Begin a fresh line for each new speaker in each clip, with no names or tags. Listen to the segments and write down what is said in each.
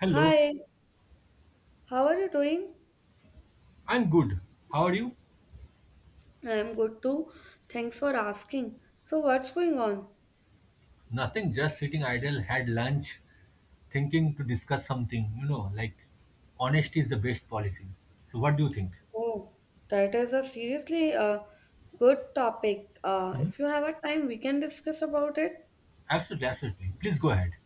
Hello,
Hi, how are you doing?
I'm good. How are you?
I am good too. Thanks for asking. So, what's going on?
Nothing, just sitting idle, had lunch, thinking to discuss something, you know, like honesty is the best policy. So, what do you think?
Oh, that is a seriously good topic.
Mhm.
If you have a time, we can discuss about it.
Absolutely, absolutely. Please go ahead.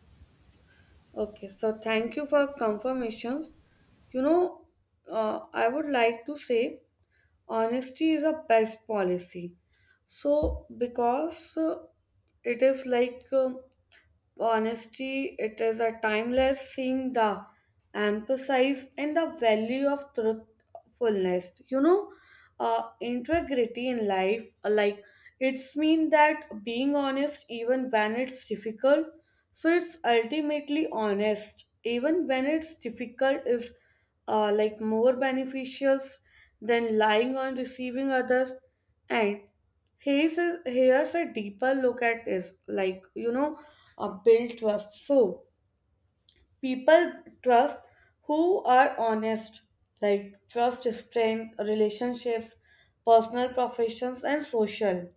Okay, so thank you for confirmations. You know, I would like to say honesty is a best policy. So, because it is like honesty, it is a timeless thing the emphasis and the value of truthfulness. Integrity in life, like it's mean that being honest even when it's difficult. So it's ultimately honest, even when it's difficult, is like more beneficial than lying on receiving others. And here's a deeper look at is like you know a build trust. So people trust who are honest, like trust strength, relationships, personal professions, and social.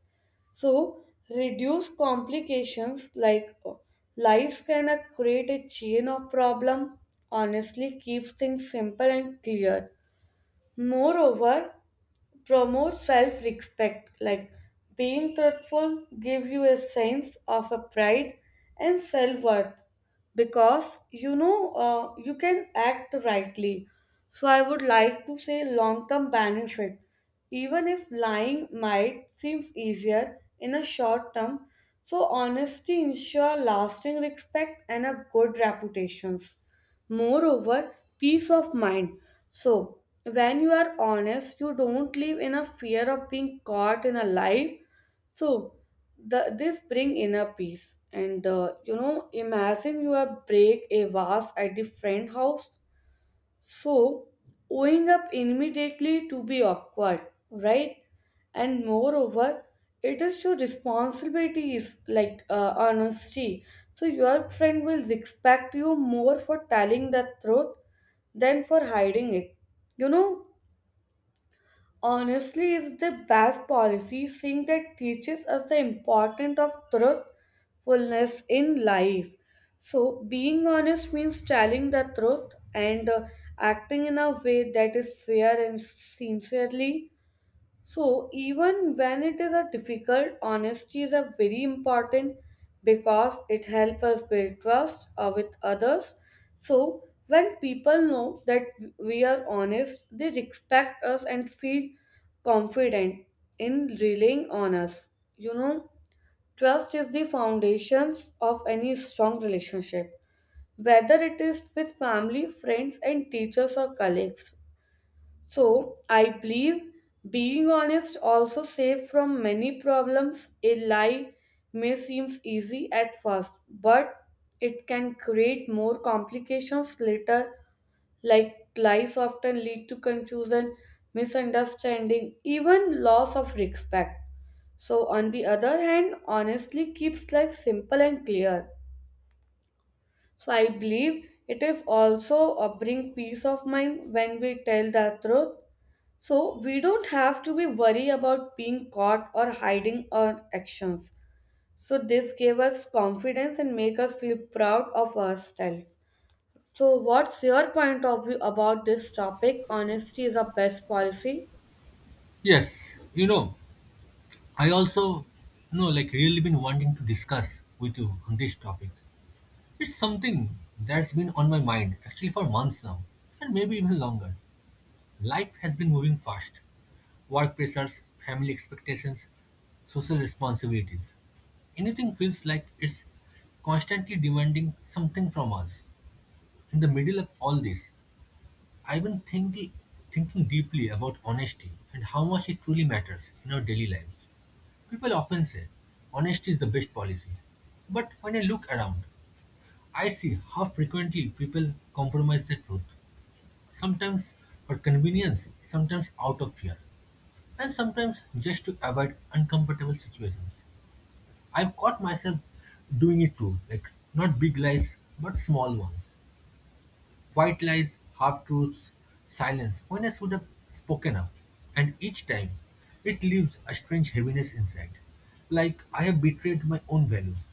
So reduce complications like lives can create a chain of problem. Honestly, keeps things simple and clear. Moreover, promote self respect like being truthful give you a sense of a pride and self worth because you know you can act rightly. So I would like to say long term benefit even if lying might seem easier in a short term. So honesty ensure lasting respect and a good reputations. Moreover, peace of mind. So, when you are honest, you don't live in a fear of being caught in a lie. So, this bring inner peace. And you know, imagine you are break a vase at the friend house, so owing up immediately to be awkward, right? And moreover, it is your responsibility is like honesty. So, your friend will respect you more for telling the truth than for hiding it. You know, honestly, it's the best policy seeing that teaches us the importance of truthfulness in life. So, being honest means telling the truth and acting in a way that is fair and sincerely. So, even when it is a difficult, honesty is a very important because it helps us build trust with others. So, when people know that we are honest, they respect us and feel confident in relying on us. You know, trust is the foundations of any strong relationship, whether it is with family, friends, and teachers or colleagues. So, I believe being honest also saves from many problems. A lie may seem easy at first, but it can create more complications later, like lies often lead to confusion, misunderstanding, even loss of respect. So, on the other hand, honestly keeps life simple and clear. So, I believe it is also a bring peace of mind when we tell the truth so we don't have to be worried about being caught or hiding our actions. So this gave us confidence and make us feel proud of ourselves. So what's your point of view about this topic? Honesty is our best policy.
Yes, you know, I also, like really been wanting to discuss with you on this topic. It's something that's been on my mind actually for months now, and maybe even longer. Life has been moving fast. Work pressures, family expectations, social responsibilities. Anything feels like it's constantly demanding something from us. In the middle of all this, I've been thinking deeply about honesty and how much it truly matters in our daily lives. People often say honesty is the best policy. But when I look around, I see how frequently people compromise the truth, sometimes for convenience, sometimes out of fear and sometimes just to avoid uncomfortable situations. I've caught myself doing it too, like not big lies, but small ones. White lies, half truths, silence, when I should have spoken up. And each time, it leaves a strange heaviness inside, like I have betrayed my own values.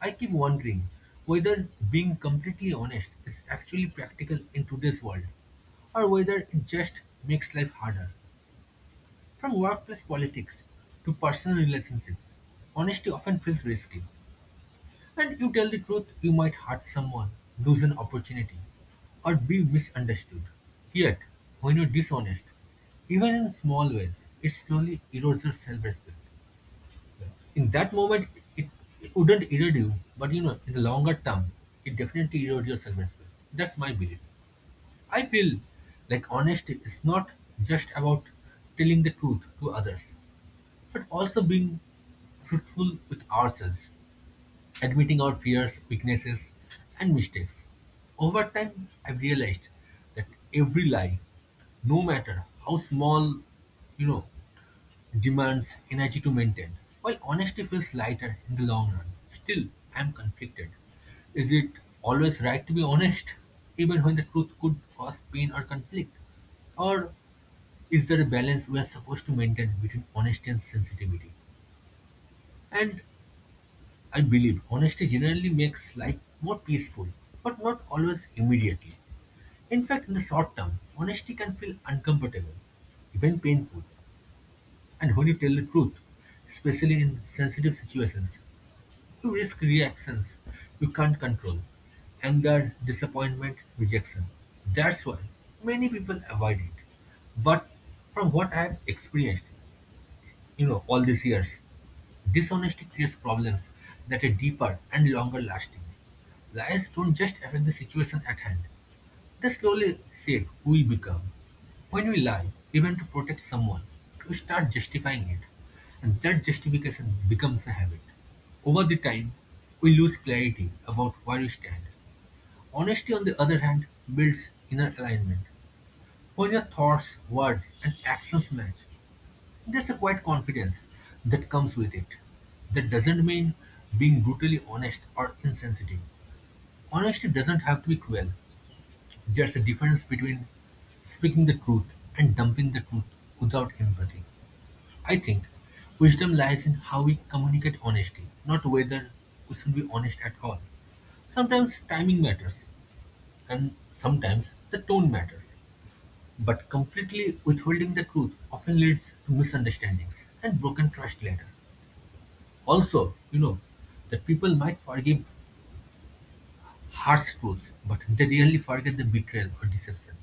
I keep wondering whether being completely honest is actually practical in today's world, or whether it just makes life harder. From workplace politics to personal relationships, honesty often feels risky. And you tell the truth, you might hurt someone, lose an opportunity, or be misunderstood. Yet, when you're dishonest, even in small ways, it slowly erodes your self-respect. In that moment, it, it wouldn't erode you, but in the longer term, it definitely erodes your self-respect. That's my belief. I feel like honesty is not just about telling the truth to others but also being truthful with ourselves, admitting our fears, weaknesses, and mistakes. Over time, I've realized that every lie, no matter how small, you know, demands energy to maintain. While honesty feels lighter in the long run, still I'm conflicted. Is it always right to be honest, even when the truth could cause pain or conflict? Or is there a balance we are supposed to maintain between honesty and sensitivity? And I believe honesty generally makes life more peaceful, but not always immediately. In fact, in the short term, honesty can feel uncomfortable, even painful. And when you tell the truth, especially in sensitive situations, you risk reactions you can't control anger, disappointment, rejection. That's why many people avoid it. But from what I've experienced, all these years. Dishonesty creates problems that are deeper and longer lasting. Lies don't just affect the situation at hand, they slowly shape who we become. When we lie, even to protect someone, we start justifying it, and that justification becomes a habit. Over the time, we lose clarity about where we stand. Honesty, on the other hand, builds inner alignment. When your thoughts, words, and actions match, there's a quiet confidence that comes with it. That doesn't mean being brutally honest or insensitive. Honesty doesn't have to be cruel. There's a difference between speaking the truth and dumping the truth without empathy. I think wisdom lies in how we communicate honesty, not whether we should be honest at all. Sometimes timing matters, and sometimes the tone matters. But completely withholding the truth often leads to misunderstandings and broken trust later. Also, that people might forgive harsh truths, but they rarely forget the betrayal or deception.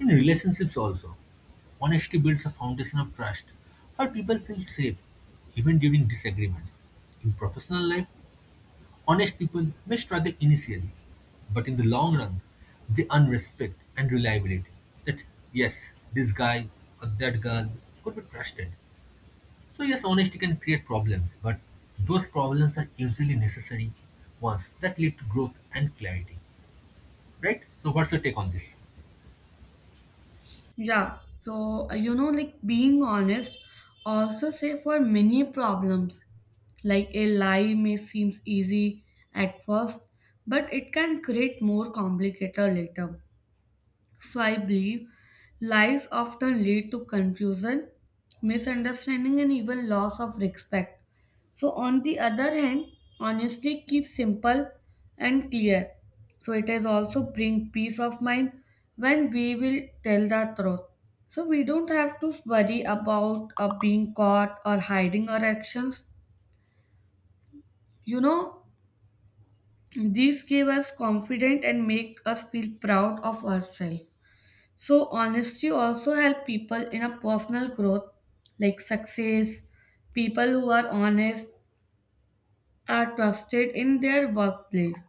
In relationships also, honesty builds a foundation of trust where people feel safe even during disagreements. In professional life, honest people may struggle initially, but in the long run, they earn respect and reliability. That yes, this guy or that girl could be trusted. So yes, honesty can create problems, but those problems are usually necessary ones that lead to growth and clarity, right? So what's your take on this?
Yeah, so you know, like being honest, also say for many problems. Like a lie may seems easy at first, but it can create more complicated later. So I believe lies often lead to confusion, misunderstanding, and even loss of respect. So, on the other hand, honestly keep simple and clear. So, it has also bring peace of mind when we will tell the truth. So, we don't have to worry about being caught or hiding our actions. You know, these give us confidence and make us feel proud of ourselves. So honesty also help people in a personal growth, like success. People who are honest are trusted in their workplace,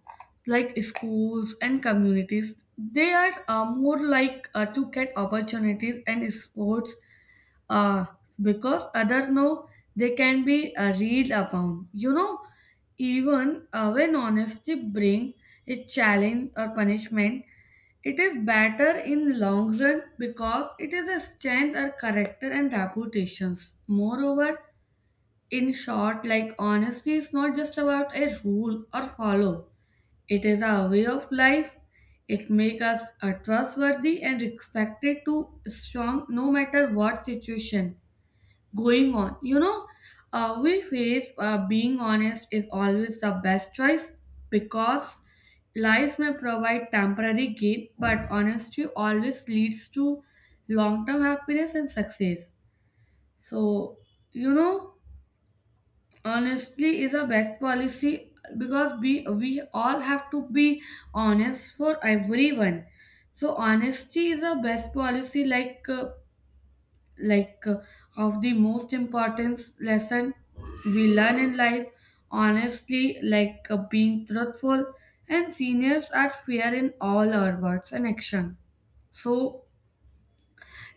like schools and communities. They are more like to get opportunities and sports uh, because others know they can be read upon. You know, even when honesty bring a challenge or punishment, it is better in long run because it is a strength or character and reputations. Moreover, in short, like honesty is not just about a rule or follow. It is a way of life. It makes us trustworthy and respected to strong no matter what situation going on. You know, we face being honest is always the best choice because lies may provide temporary gain, but honesty always leads to long term happiness and success. So, you know, honestly is a best policy because we all have to be honest for everyone. So, honesty is a best policy like. Like of the most important lesson we learn in life honestly like being truthful and seniors are fair in all our words and action. So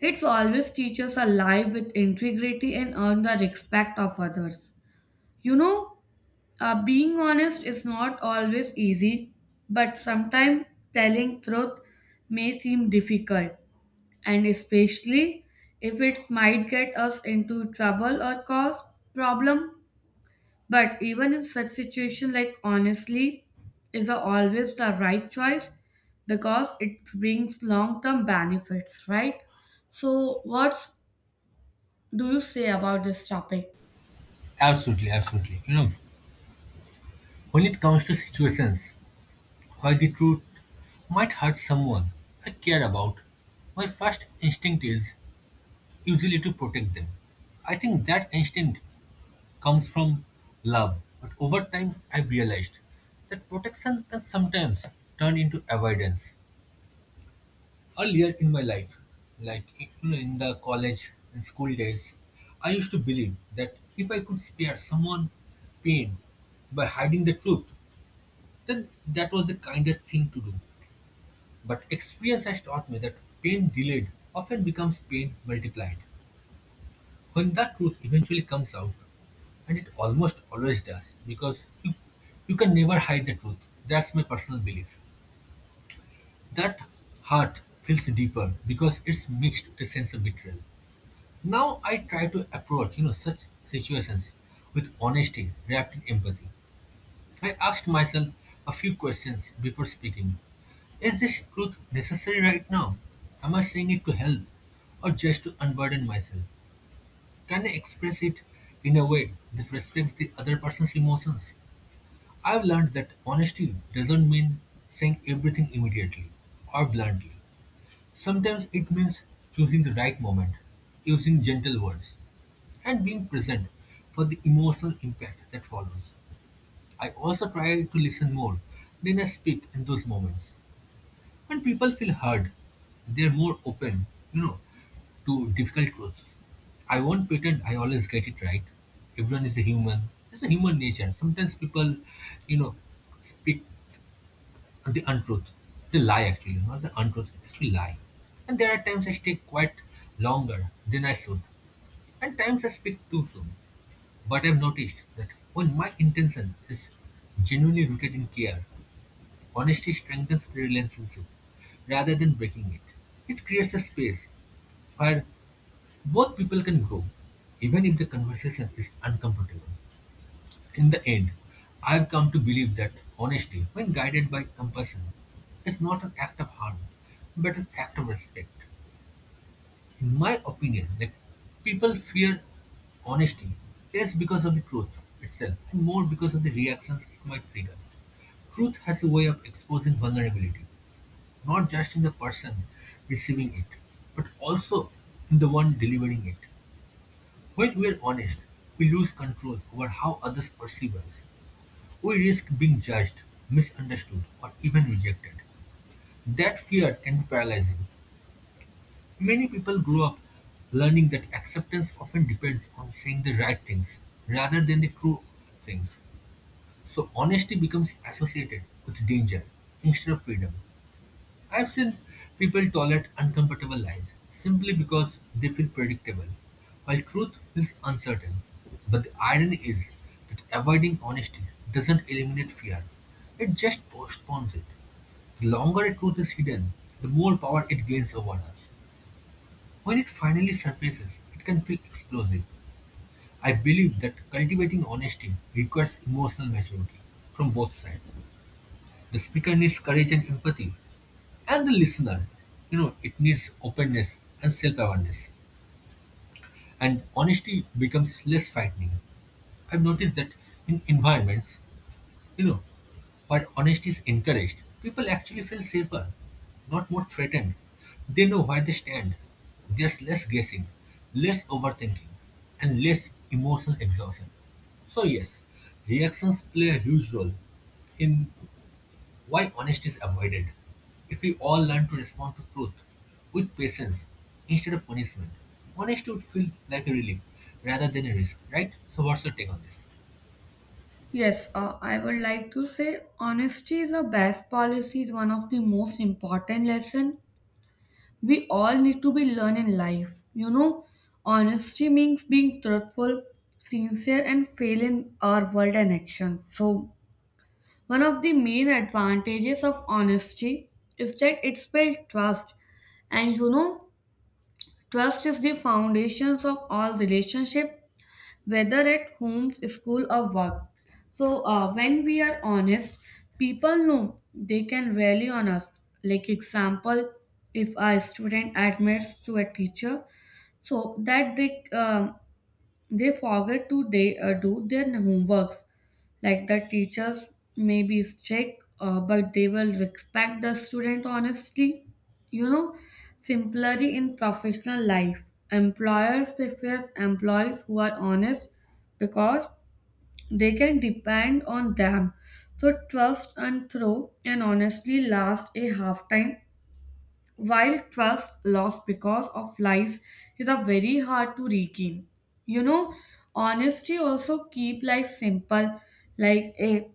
it's always teaches a life with integrity and earn the respect of others. You know, being honest is not always easy, but sometimes telling truth may seem difficult and especially if it might get us into trouble or cause problem. But even in such situation like honestly is always the right choice because it brings long term benefits, right? So what do you say about this topic?
Absolutely, absolutely. You know, when it comes to situations where the truth might hurt someone I care about, my first instinct is usually to protect them. I think that instinct comes from love, but over time I've realized that protection can sometimes turn into avoidance. Earlier in my life, like you know, in the college and school days, I used to believe that if I could spare someone pain by hiding the truth, then that was the kindest thing to do. But experience has taught me that pain delayed often becomes pain multiplied. When that truth eventually comes out, and it almost always does, because you can never hide the truth. That's my personal belief. That hurt feels deeper because it's mixed with a sense of betrayal. Now I try to approach, such situations with honesty wrapped in empathy. I asked myself a few questions before speaking. Is this truth necessary right now? Am I saying it to help or just to unburden myself? Can I express it in a way that respects the other person's emotions? I've learned that honesty doesn't mean saying everything immediately or bluntly. Sometimes it means choosing the right moment, using gentle words and being present for the emotional impact that follows. I also try to listen more than I speak in those moments. When people feel heard, they're more open, you know, to difficult truths. I won't pretend I always get it right. Everyone is a human. It's a human nature. Sometimes people, you know, speak the untruth. They lie actually, not the untruth, actually lie. And there are times I stay quite longer than I should. And times I speak too soon. But I've noticed that when my intention is genuinely rooted in care, honesty strengthens the relationship rather than breaking it. It creates a space where both people can grow, even if the conversation is uncomfortable. In the end, I've come to believe that honesty, when guided by compassion, is not an act of harm, but an act of respect. In my opinion, like people fear honesty less because of the truth itself and more because of the reactions it might trigger. Truth has a way of exposing vulnerability, not just in the person receiving it, but also in the one delivering it. When we are honest, we lose control over how others perceive us. We risk being judged, misunderstood, or even rejected. That fear can be paralyzing, many people grow up learning that acceptance often depends on saying the right things rather than the true things. So honesty becomes associated with danger instead of freedom. I've seen people tolerate uncomfortable lies simply because they feel predictable, while truth feels uncertain. But the irony is that avoiding honesty doesn't eliminate fear, it just postpones it. The longer a truth is hidden, the more power it gains over us. When it finally surfaces, it can feel explosive. I believe that cultivating honesty requires emotional maturity from both sides. The speaker needs courage and empathy, and the listener, it needs openness and self awareness. And honesty becomes less frightening. I've noticed that in environments You know, where honesty is encouraged, people actually feel safer, not more threatened. They know where they stand. There's less guessing, less overthinking, and less emotional exhaustion. So, yes, reactions play a huge role in why honesty is avoided. If we all learn to respond to truth with patience instead of punishment, honesty would feel like a relief rather than a risk, right? So, what's your take on this?
Yes, I would like to say honesty is the best policy, is one of the most important lesson we all need to be learn in life. You know, honesty means being truthful, sincere and fail in our word and actions. So one of the main advantages of honesty is that it's built trust. And you know, trust is the foundations of all relationship whether at home, school, or work. So, when we are honest, people know they can rely on us. Like, example, if a student admits to a teacher, so that they forget to do their homeworks. Like the teachers may be strict, but they will respect the student honestly. You know, simply in professional life, employers prefer employees who are honest because they can depend on them. So trust and throw and honestly last a half time, while trust lost because of lies is a very hard to regain. You know, honesty also keep life simple. Like a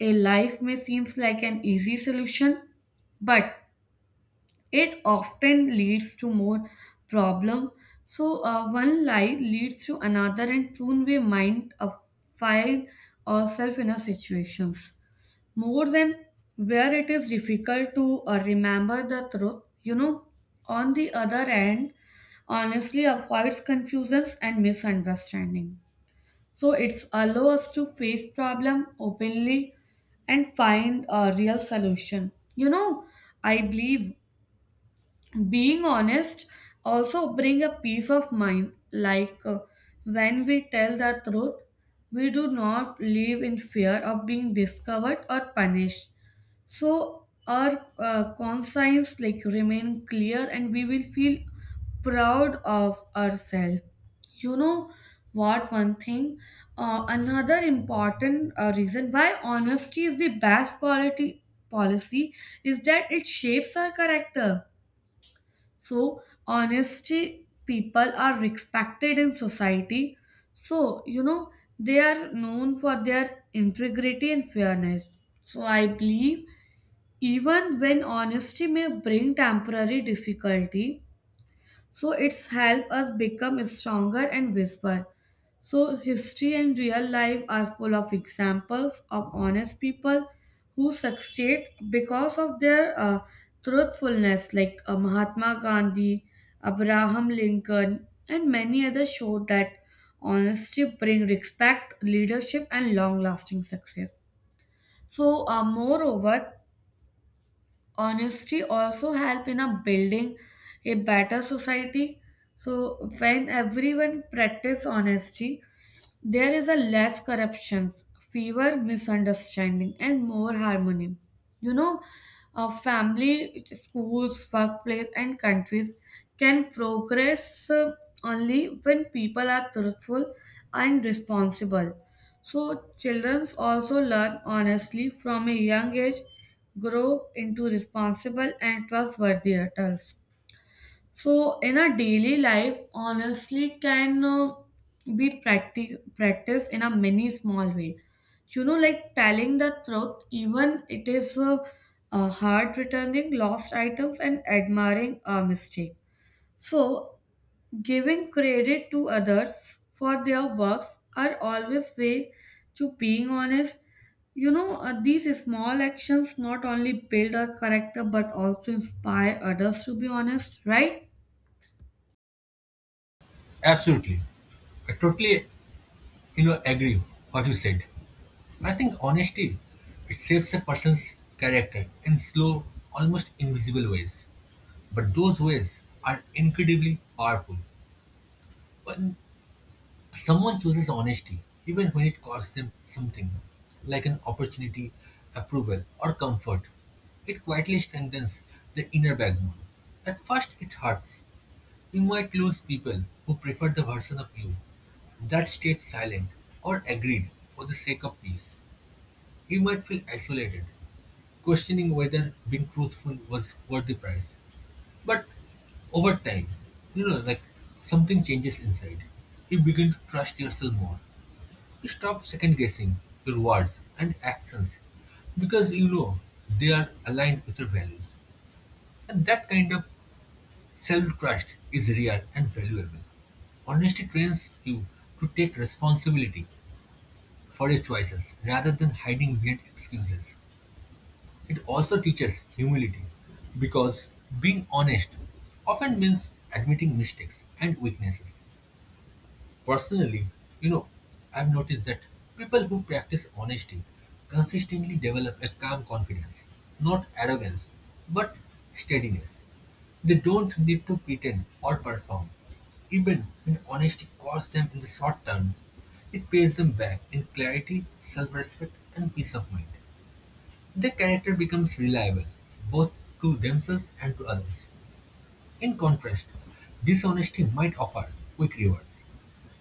a life may seems like an easy solution, but it often leads to more problem. So one lie leads to another, and soon we mind find ourselves in a situations more than where it is difficult to remember the truth. You know, on the other hand, honestly avoids confusions and misunderstanding. So it's allow us to face problem openly and find a real solution. You know, I believe being honest also bring a peace of mind. Like when we tell the truth, we do not live in fear of being discovered or punished. So our conscience like remain clear and we will feel proud of ourselves. You know, what one thing another important reason why honesty is the best policy is that it shapes our character. So honesty people are respected in society. So you know, they are known for their integrity and fairness. So I believe even when honesty may bring temporary difficulty, so it's help us become stronger and whisper. So history and real life are full of examples of honest people who succeed because of their truthfulness like Mahatma Gandhi, Abraham Lincoln and many others show that honesty bring respect, leadership and long lasting success. So moreover honesty also help in a building a better society. So when everyone practice honesty, there is a less corruption, fewer misunderstanding, and more harmony. You know, a family, schools, workplace, and countries can progress only when people are truthful and responsible. So, children also learn honestly from a young age, grow into responsible and trustworthy adults. So, in our daily life, honestly, can be practiced in a many small way. You know, like telling the truth, even it is hard returning lost items and admiring a mistake. So, giving credit to others for their works are always way to being honest. You know, these small actions not only build a character but also inspire others to be honest, right?
Absolutely. I totally agree what you said. And I think honesty, it shapes a person's character in slow, almost invisible ways. But those ways are incredibly powerful. When someone chooses honesty, even when it costs them something, like an opportunity, approval, or comfort, it quietly strengthens the inner backbone. At first, it hurts, you might lose people who prefer the version of you that stayed silent or agreed for the sake of peace. You might feel isolated, questioning whether being truthful was worth the price. But over time, like something changes inside. You begin to trust yourself more. You stop second guessing your words and actions because you know they are aligned with your values. And that kind of self-trust is rare and valuable. Honesty trains you to take responsibility for your choices rather than hiding behind excuses. It also teaches humility because being honest often means admitting mistakes and weaknesses. Personally, you know, I've noticed that people who practice honesty consistently develop a calm confidence, not arrogance, but steadiness. They don't need to pretend or perform. Even when honesty costs them in the short term, it pays them back in clarity, self respect, and peace of mind. Their character becomes reliable, both to themselves and to others. In contrast, dishonesty might offer quick rewards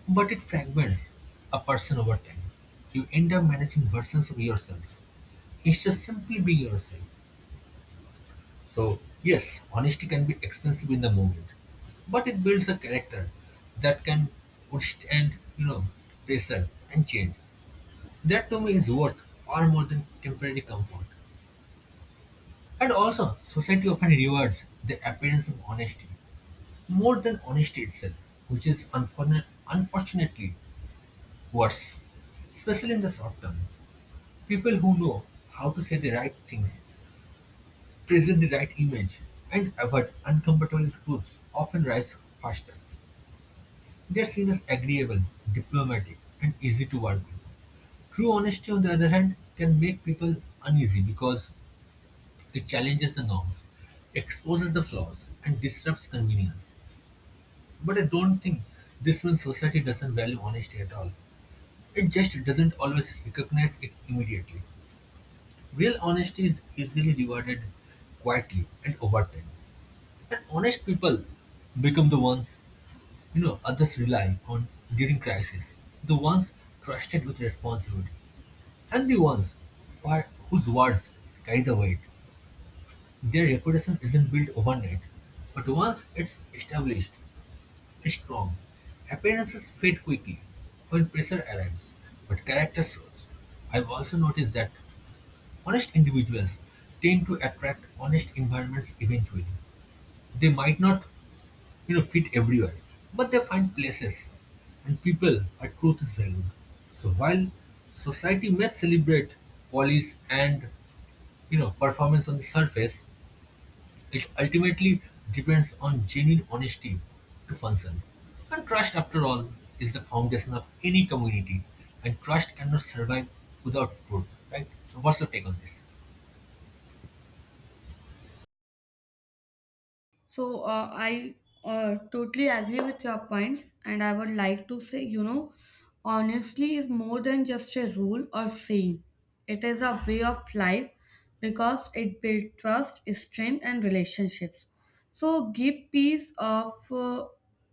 but it fragments a person over time. You end up managing versions of yourself instead of simply being yourself. So, yes, honesty can be expensive in the moment, but it builds a character that can withstand, pressure and change. That to me is worth far more than temporary comfort. And also, society often rewards the appearance of honesty more than honesty itself, which is unfortunately worse, especially in the short term. People who know how to say the right things, present the right image, and avoid uncomfortable truths often rise faster. They are seen as agreeable, diplomatic, and easy to work with. True honesty, on the other hand, can make people uneasy because it challenges the norms, exposes the flaws, and disrupts convenience. But I don't think this means society doesn't value honesty at all. It just doesn't always recognize it immediately. Real honesty is easily rewarded quietly and over time. And honest people become the ones, others rely on during crisis, the ones trusted with responsibility, and the ones whose words carry the weight. Their reputation isn't built overnight, but once it's established, it's strong. Appearances fade quickly when pressure arrives, but character shows. I've also noticed that honest individuals tend to attract honest environments eventually. They might not, fit everywhere, but they find places and people where truth is valued. So while society may celebrate polish and performance on the surface, it ultimately depends on genuine honesty to function. And trust, after all, is the foundation of any community, and trust cannot survive without truth, right? So what's your take on this?
So I totally agree with your points, and I would like to say, you know, honestly is more than just a rule or saying. It is a way of life because it builds trust, strength, and relationships. So give peace of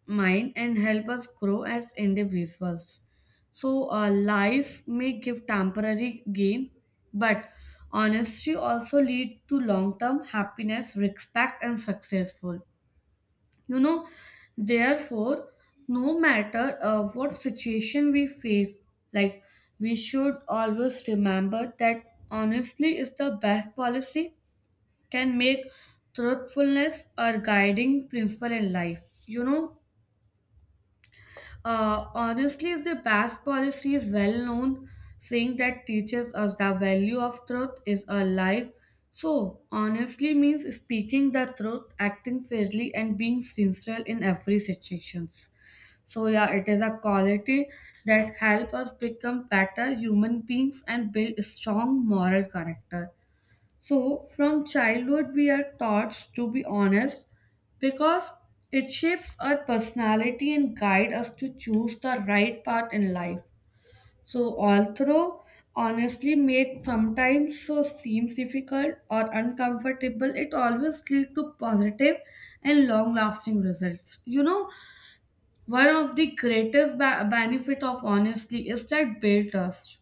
mind and help us grow as individuals. So life may give temporary gain, but honesty also lead to long-term happiness, respect, and successful. You know, therefore, no matter what situation we face, like we should always remember that honestly is the best policy, can make truthfulness our guiding principle in life. You know, honestly, the past policy is well known, saying that teaches us the value of truth is alive. So, honestly means speaking the truth, acting fairly, and being sincere in every situations. So yeah, it is a quality that help us become better human beings and build strong moral character. So, from childhood, we are taught to be honest because it shapes our personality and guide us to choose the right path in life. So, although honestly may sometimes so seems difficult or uncomfortable, it always leads to positive and long-lasting results. You know, one of the greatest benefit of honesty is that build trust.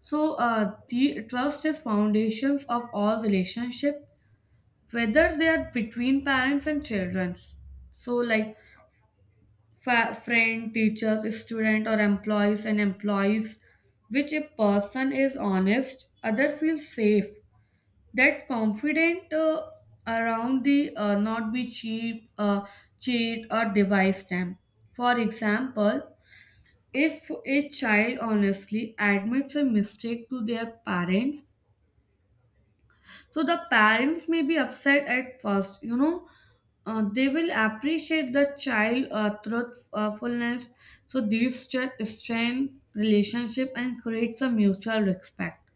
So, the trust is foundations of all relationship whether they are between parents and children, so like friend, teachers, student or employees and employees, which a person is honest other feels safe, that confident around the not be cheap cheat or devise them. For example, if a child honestly admits a mistake to their parents, so the parents may be upset at first, you know, they will appreciate the child truthfulness. So these strength relationship and creates a mutual respect.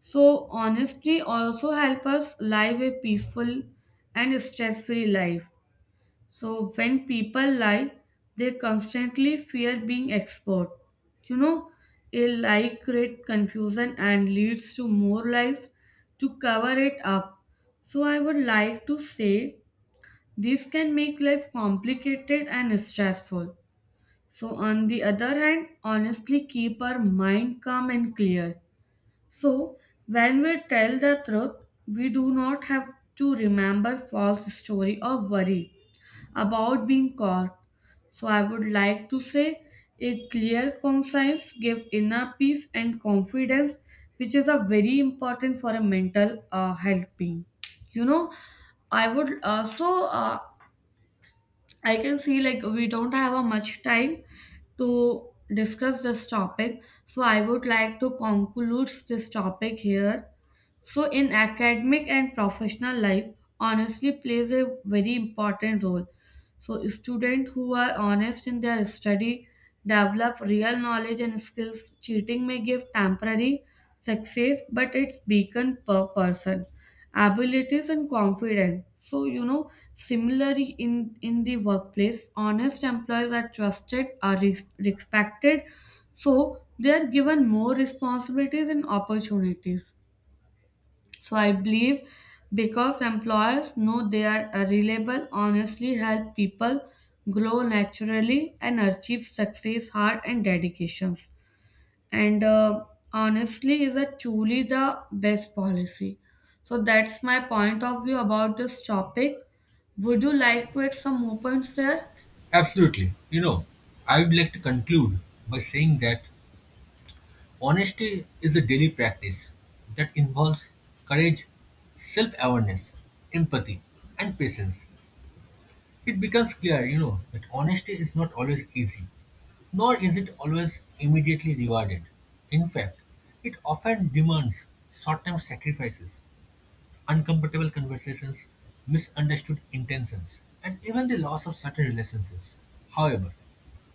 So honesty also help us live a peaceful and stress-free life. So when people lie, they constantly fear being exposed. You know, a lie creates confusion and leads to more lies to cover it up. So I would like to say this can make life complicated and stressful. So on the other hand, honestly keep our mind calm and clear. So when we tell the truth, we do not have to remember false story or worry about being caught. So I would like to say a clear conscience give inner peace and confidence, which is a very important for a mental health being. You know, I would so I can see like we don't have a much time to discuss this topic. So I would like to conclude this topic here. So, in academic and professional life, honesty plays a very important role. So, students who are honest in their study develop real knowledge and skills. Cheating may give temporary success, but it's beacon per person, abilities and confidence. So, you know, similarly in the workplace, honest employees are trusted, are respected, so they are given more responsibilities and opportunities. So I believe because employers know they are reliable, honestly help people grow naturally and achieve success, heart and dedications. And honestly is a truly the best policy. So that's my point of view about this topic. Would you like to add some more points there?
Absolutely. I would like to conclude by saying that honesty is a daily practice that involves courage, self awareness, empathy, and patience. It becomes clear, that honesty is not always easy, nor is it always immediately rewarded. In fact, it often demands short term sacrifices uncomfortable conversations, misunderstood intentions, and even the loss of certain relationships. However,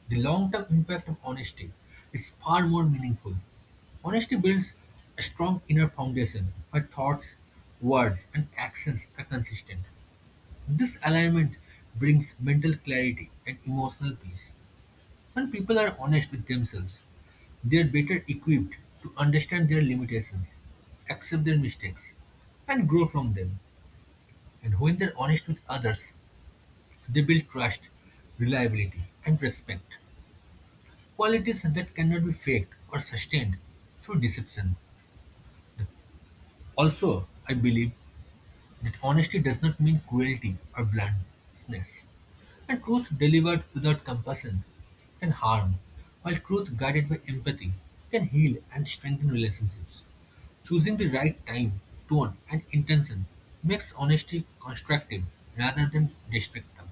the long term impact of honesty is far more meaningful. Honesty builds a strong inner foundation where thoughts, words, and actions are consistent. This alignment brings mental clarity and emotional peace. When people are honest with themselves, they are better equipped to understand their limitations, accept their mistakes, and grow from them. And when they're honest with others, they build trust, reliability, and respect. Qualities that cannot be faked or sustained through deception. Also, I believe that honesty does not mean cruelty or bluntness. And truth delivered without compassion can harm, while truth guided by empathy can heal and strengthen relationships. Choosing the right time, tone, and intention makes honesty constructive rather than destructive.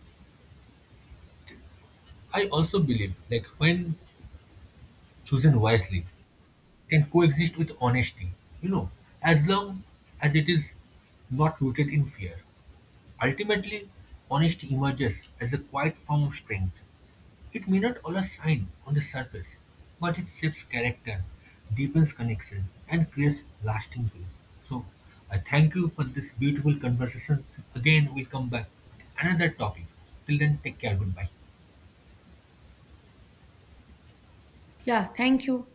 I also believe like when chosen wisely can coexist with honesty, you know, as long as it is not rooted in fear. Ultimately, honesty emerges as a quiet form of strength. It may not always shine on the surface, but it shapes character, deepens connection, and creates lasting peace. So, I thank you for this beautiful conversation. Again, we'll come back with another topic. Till then, take care. Goodbye.
Yeah, thank you.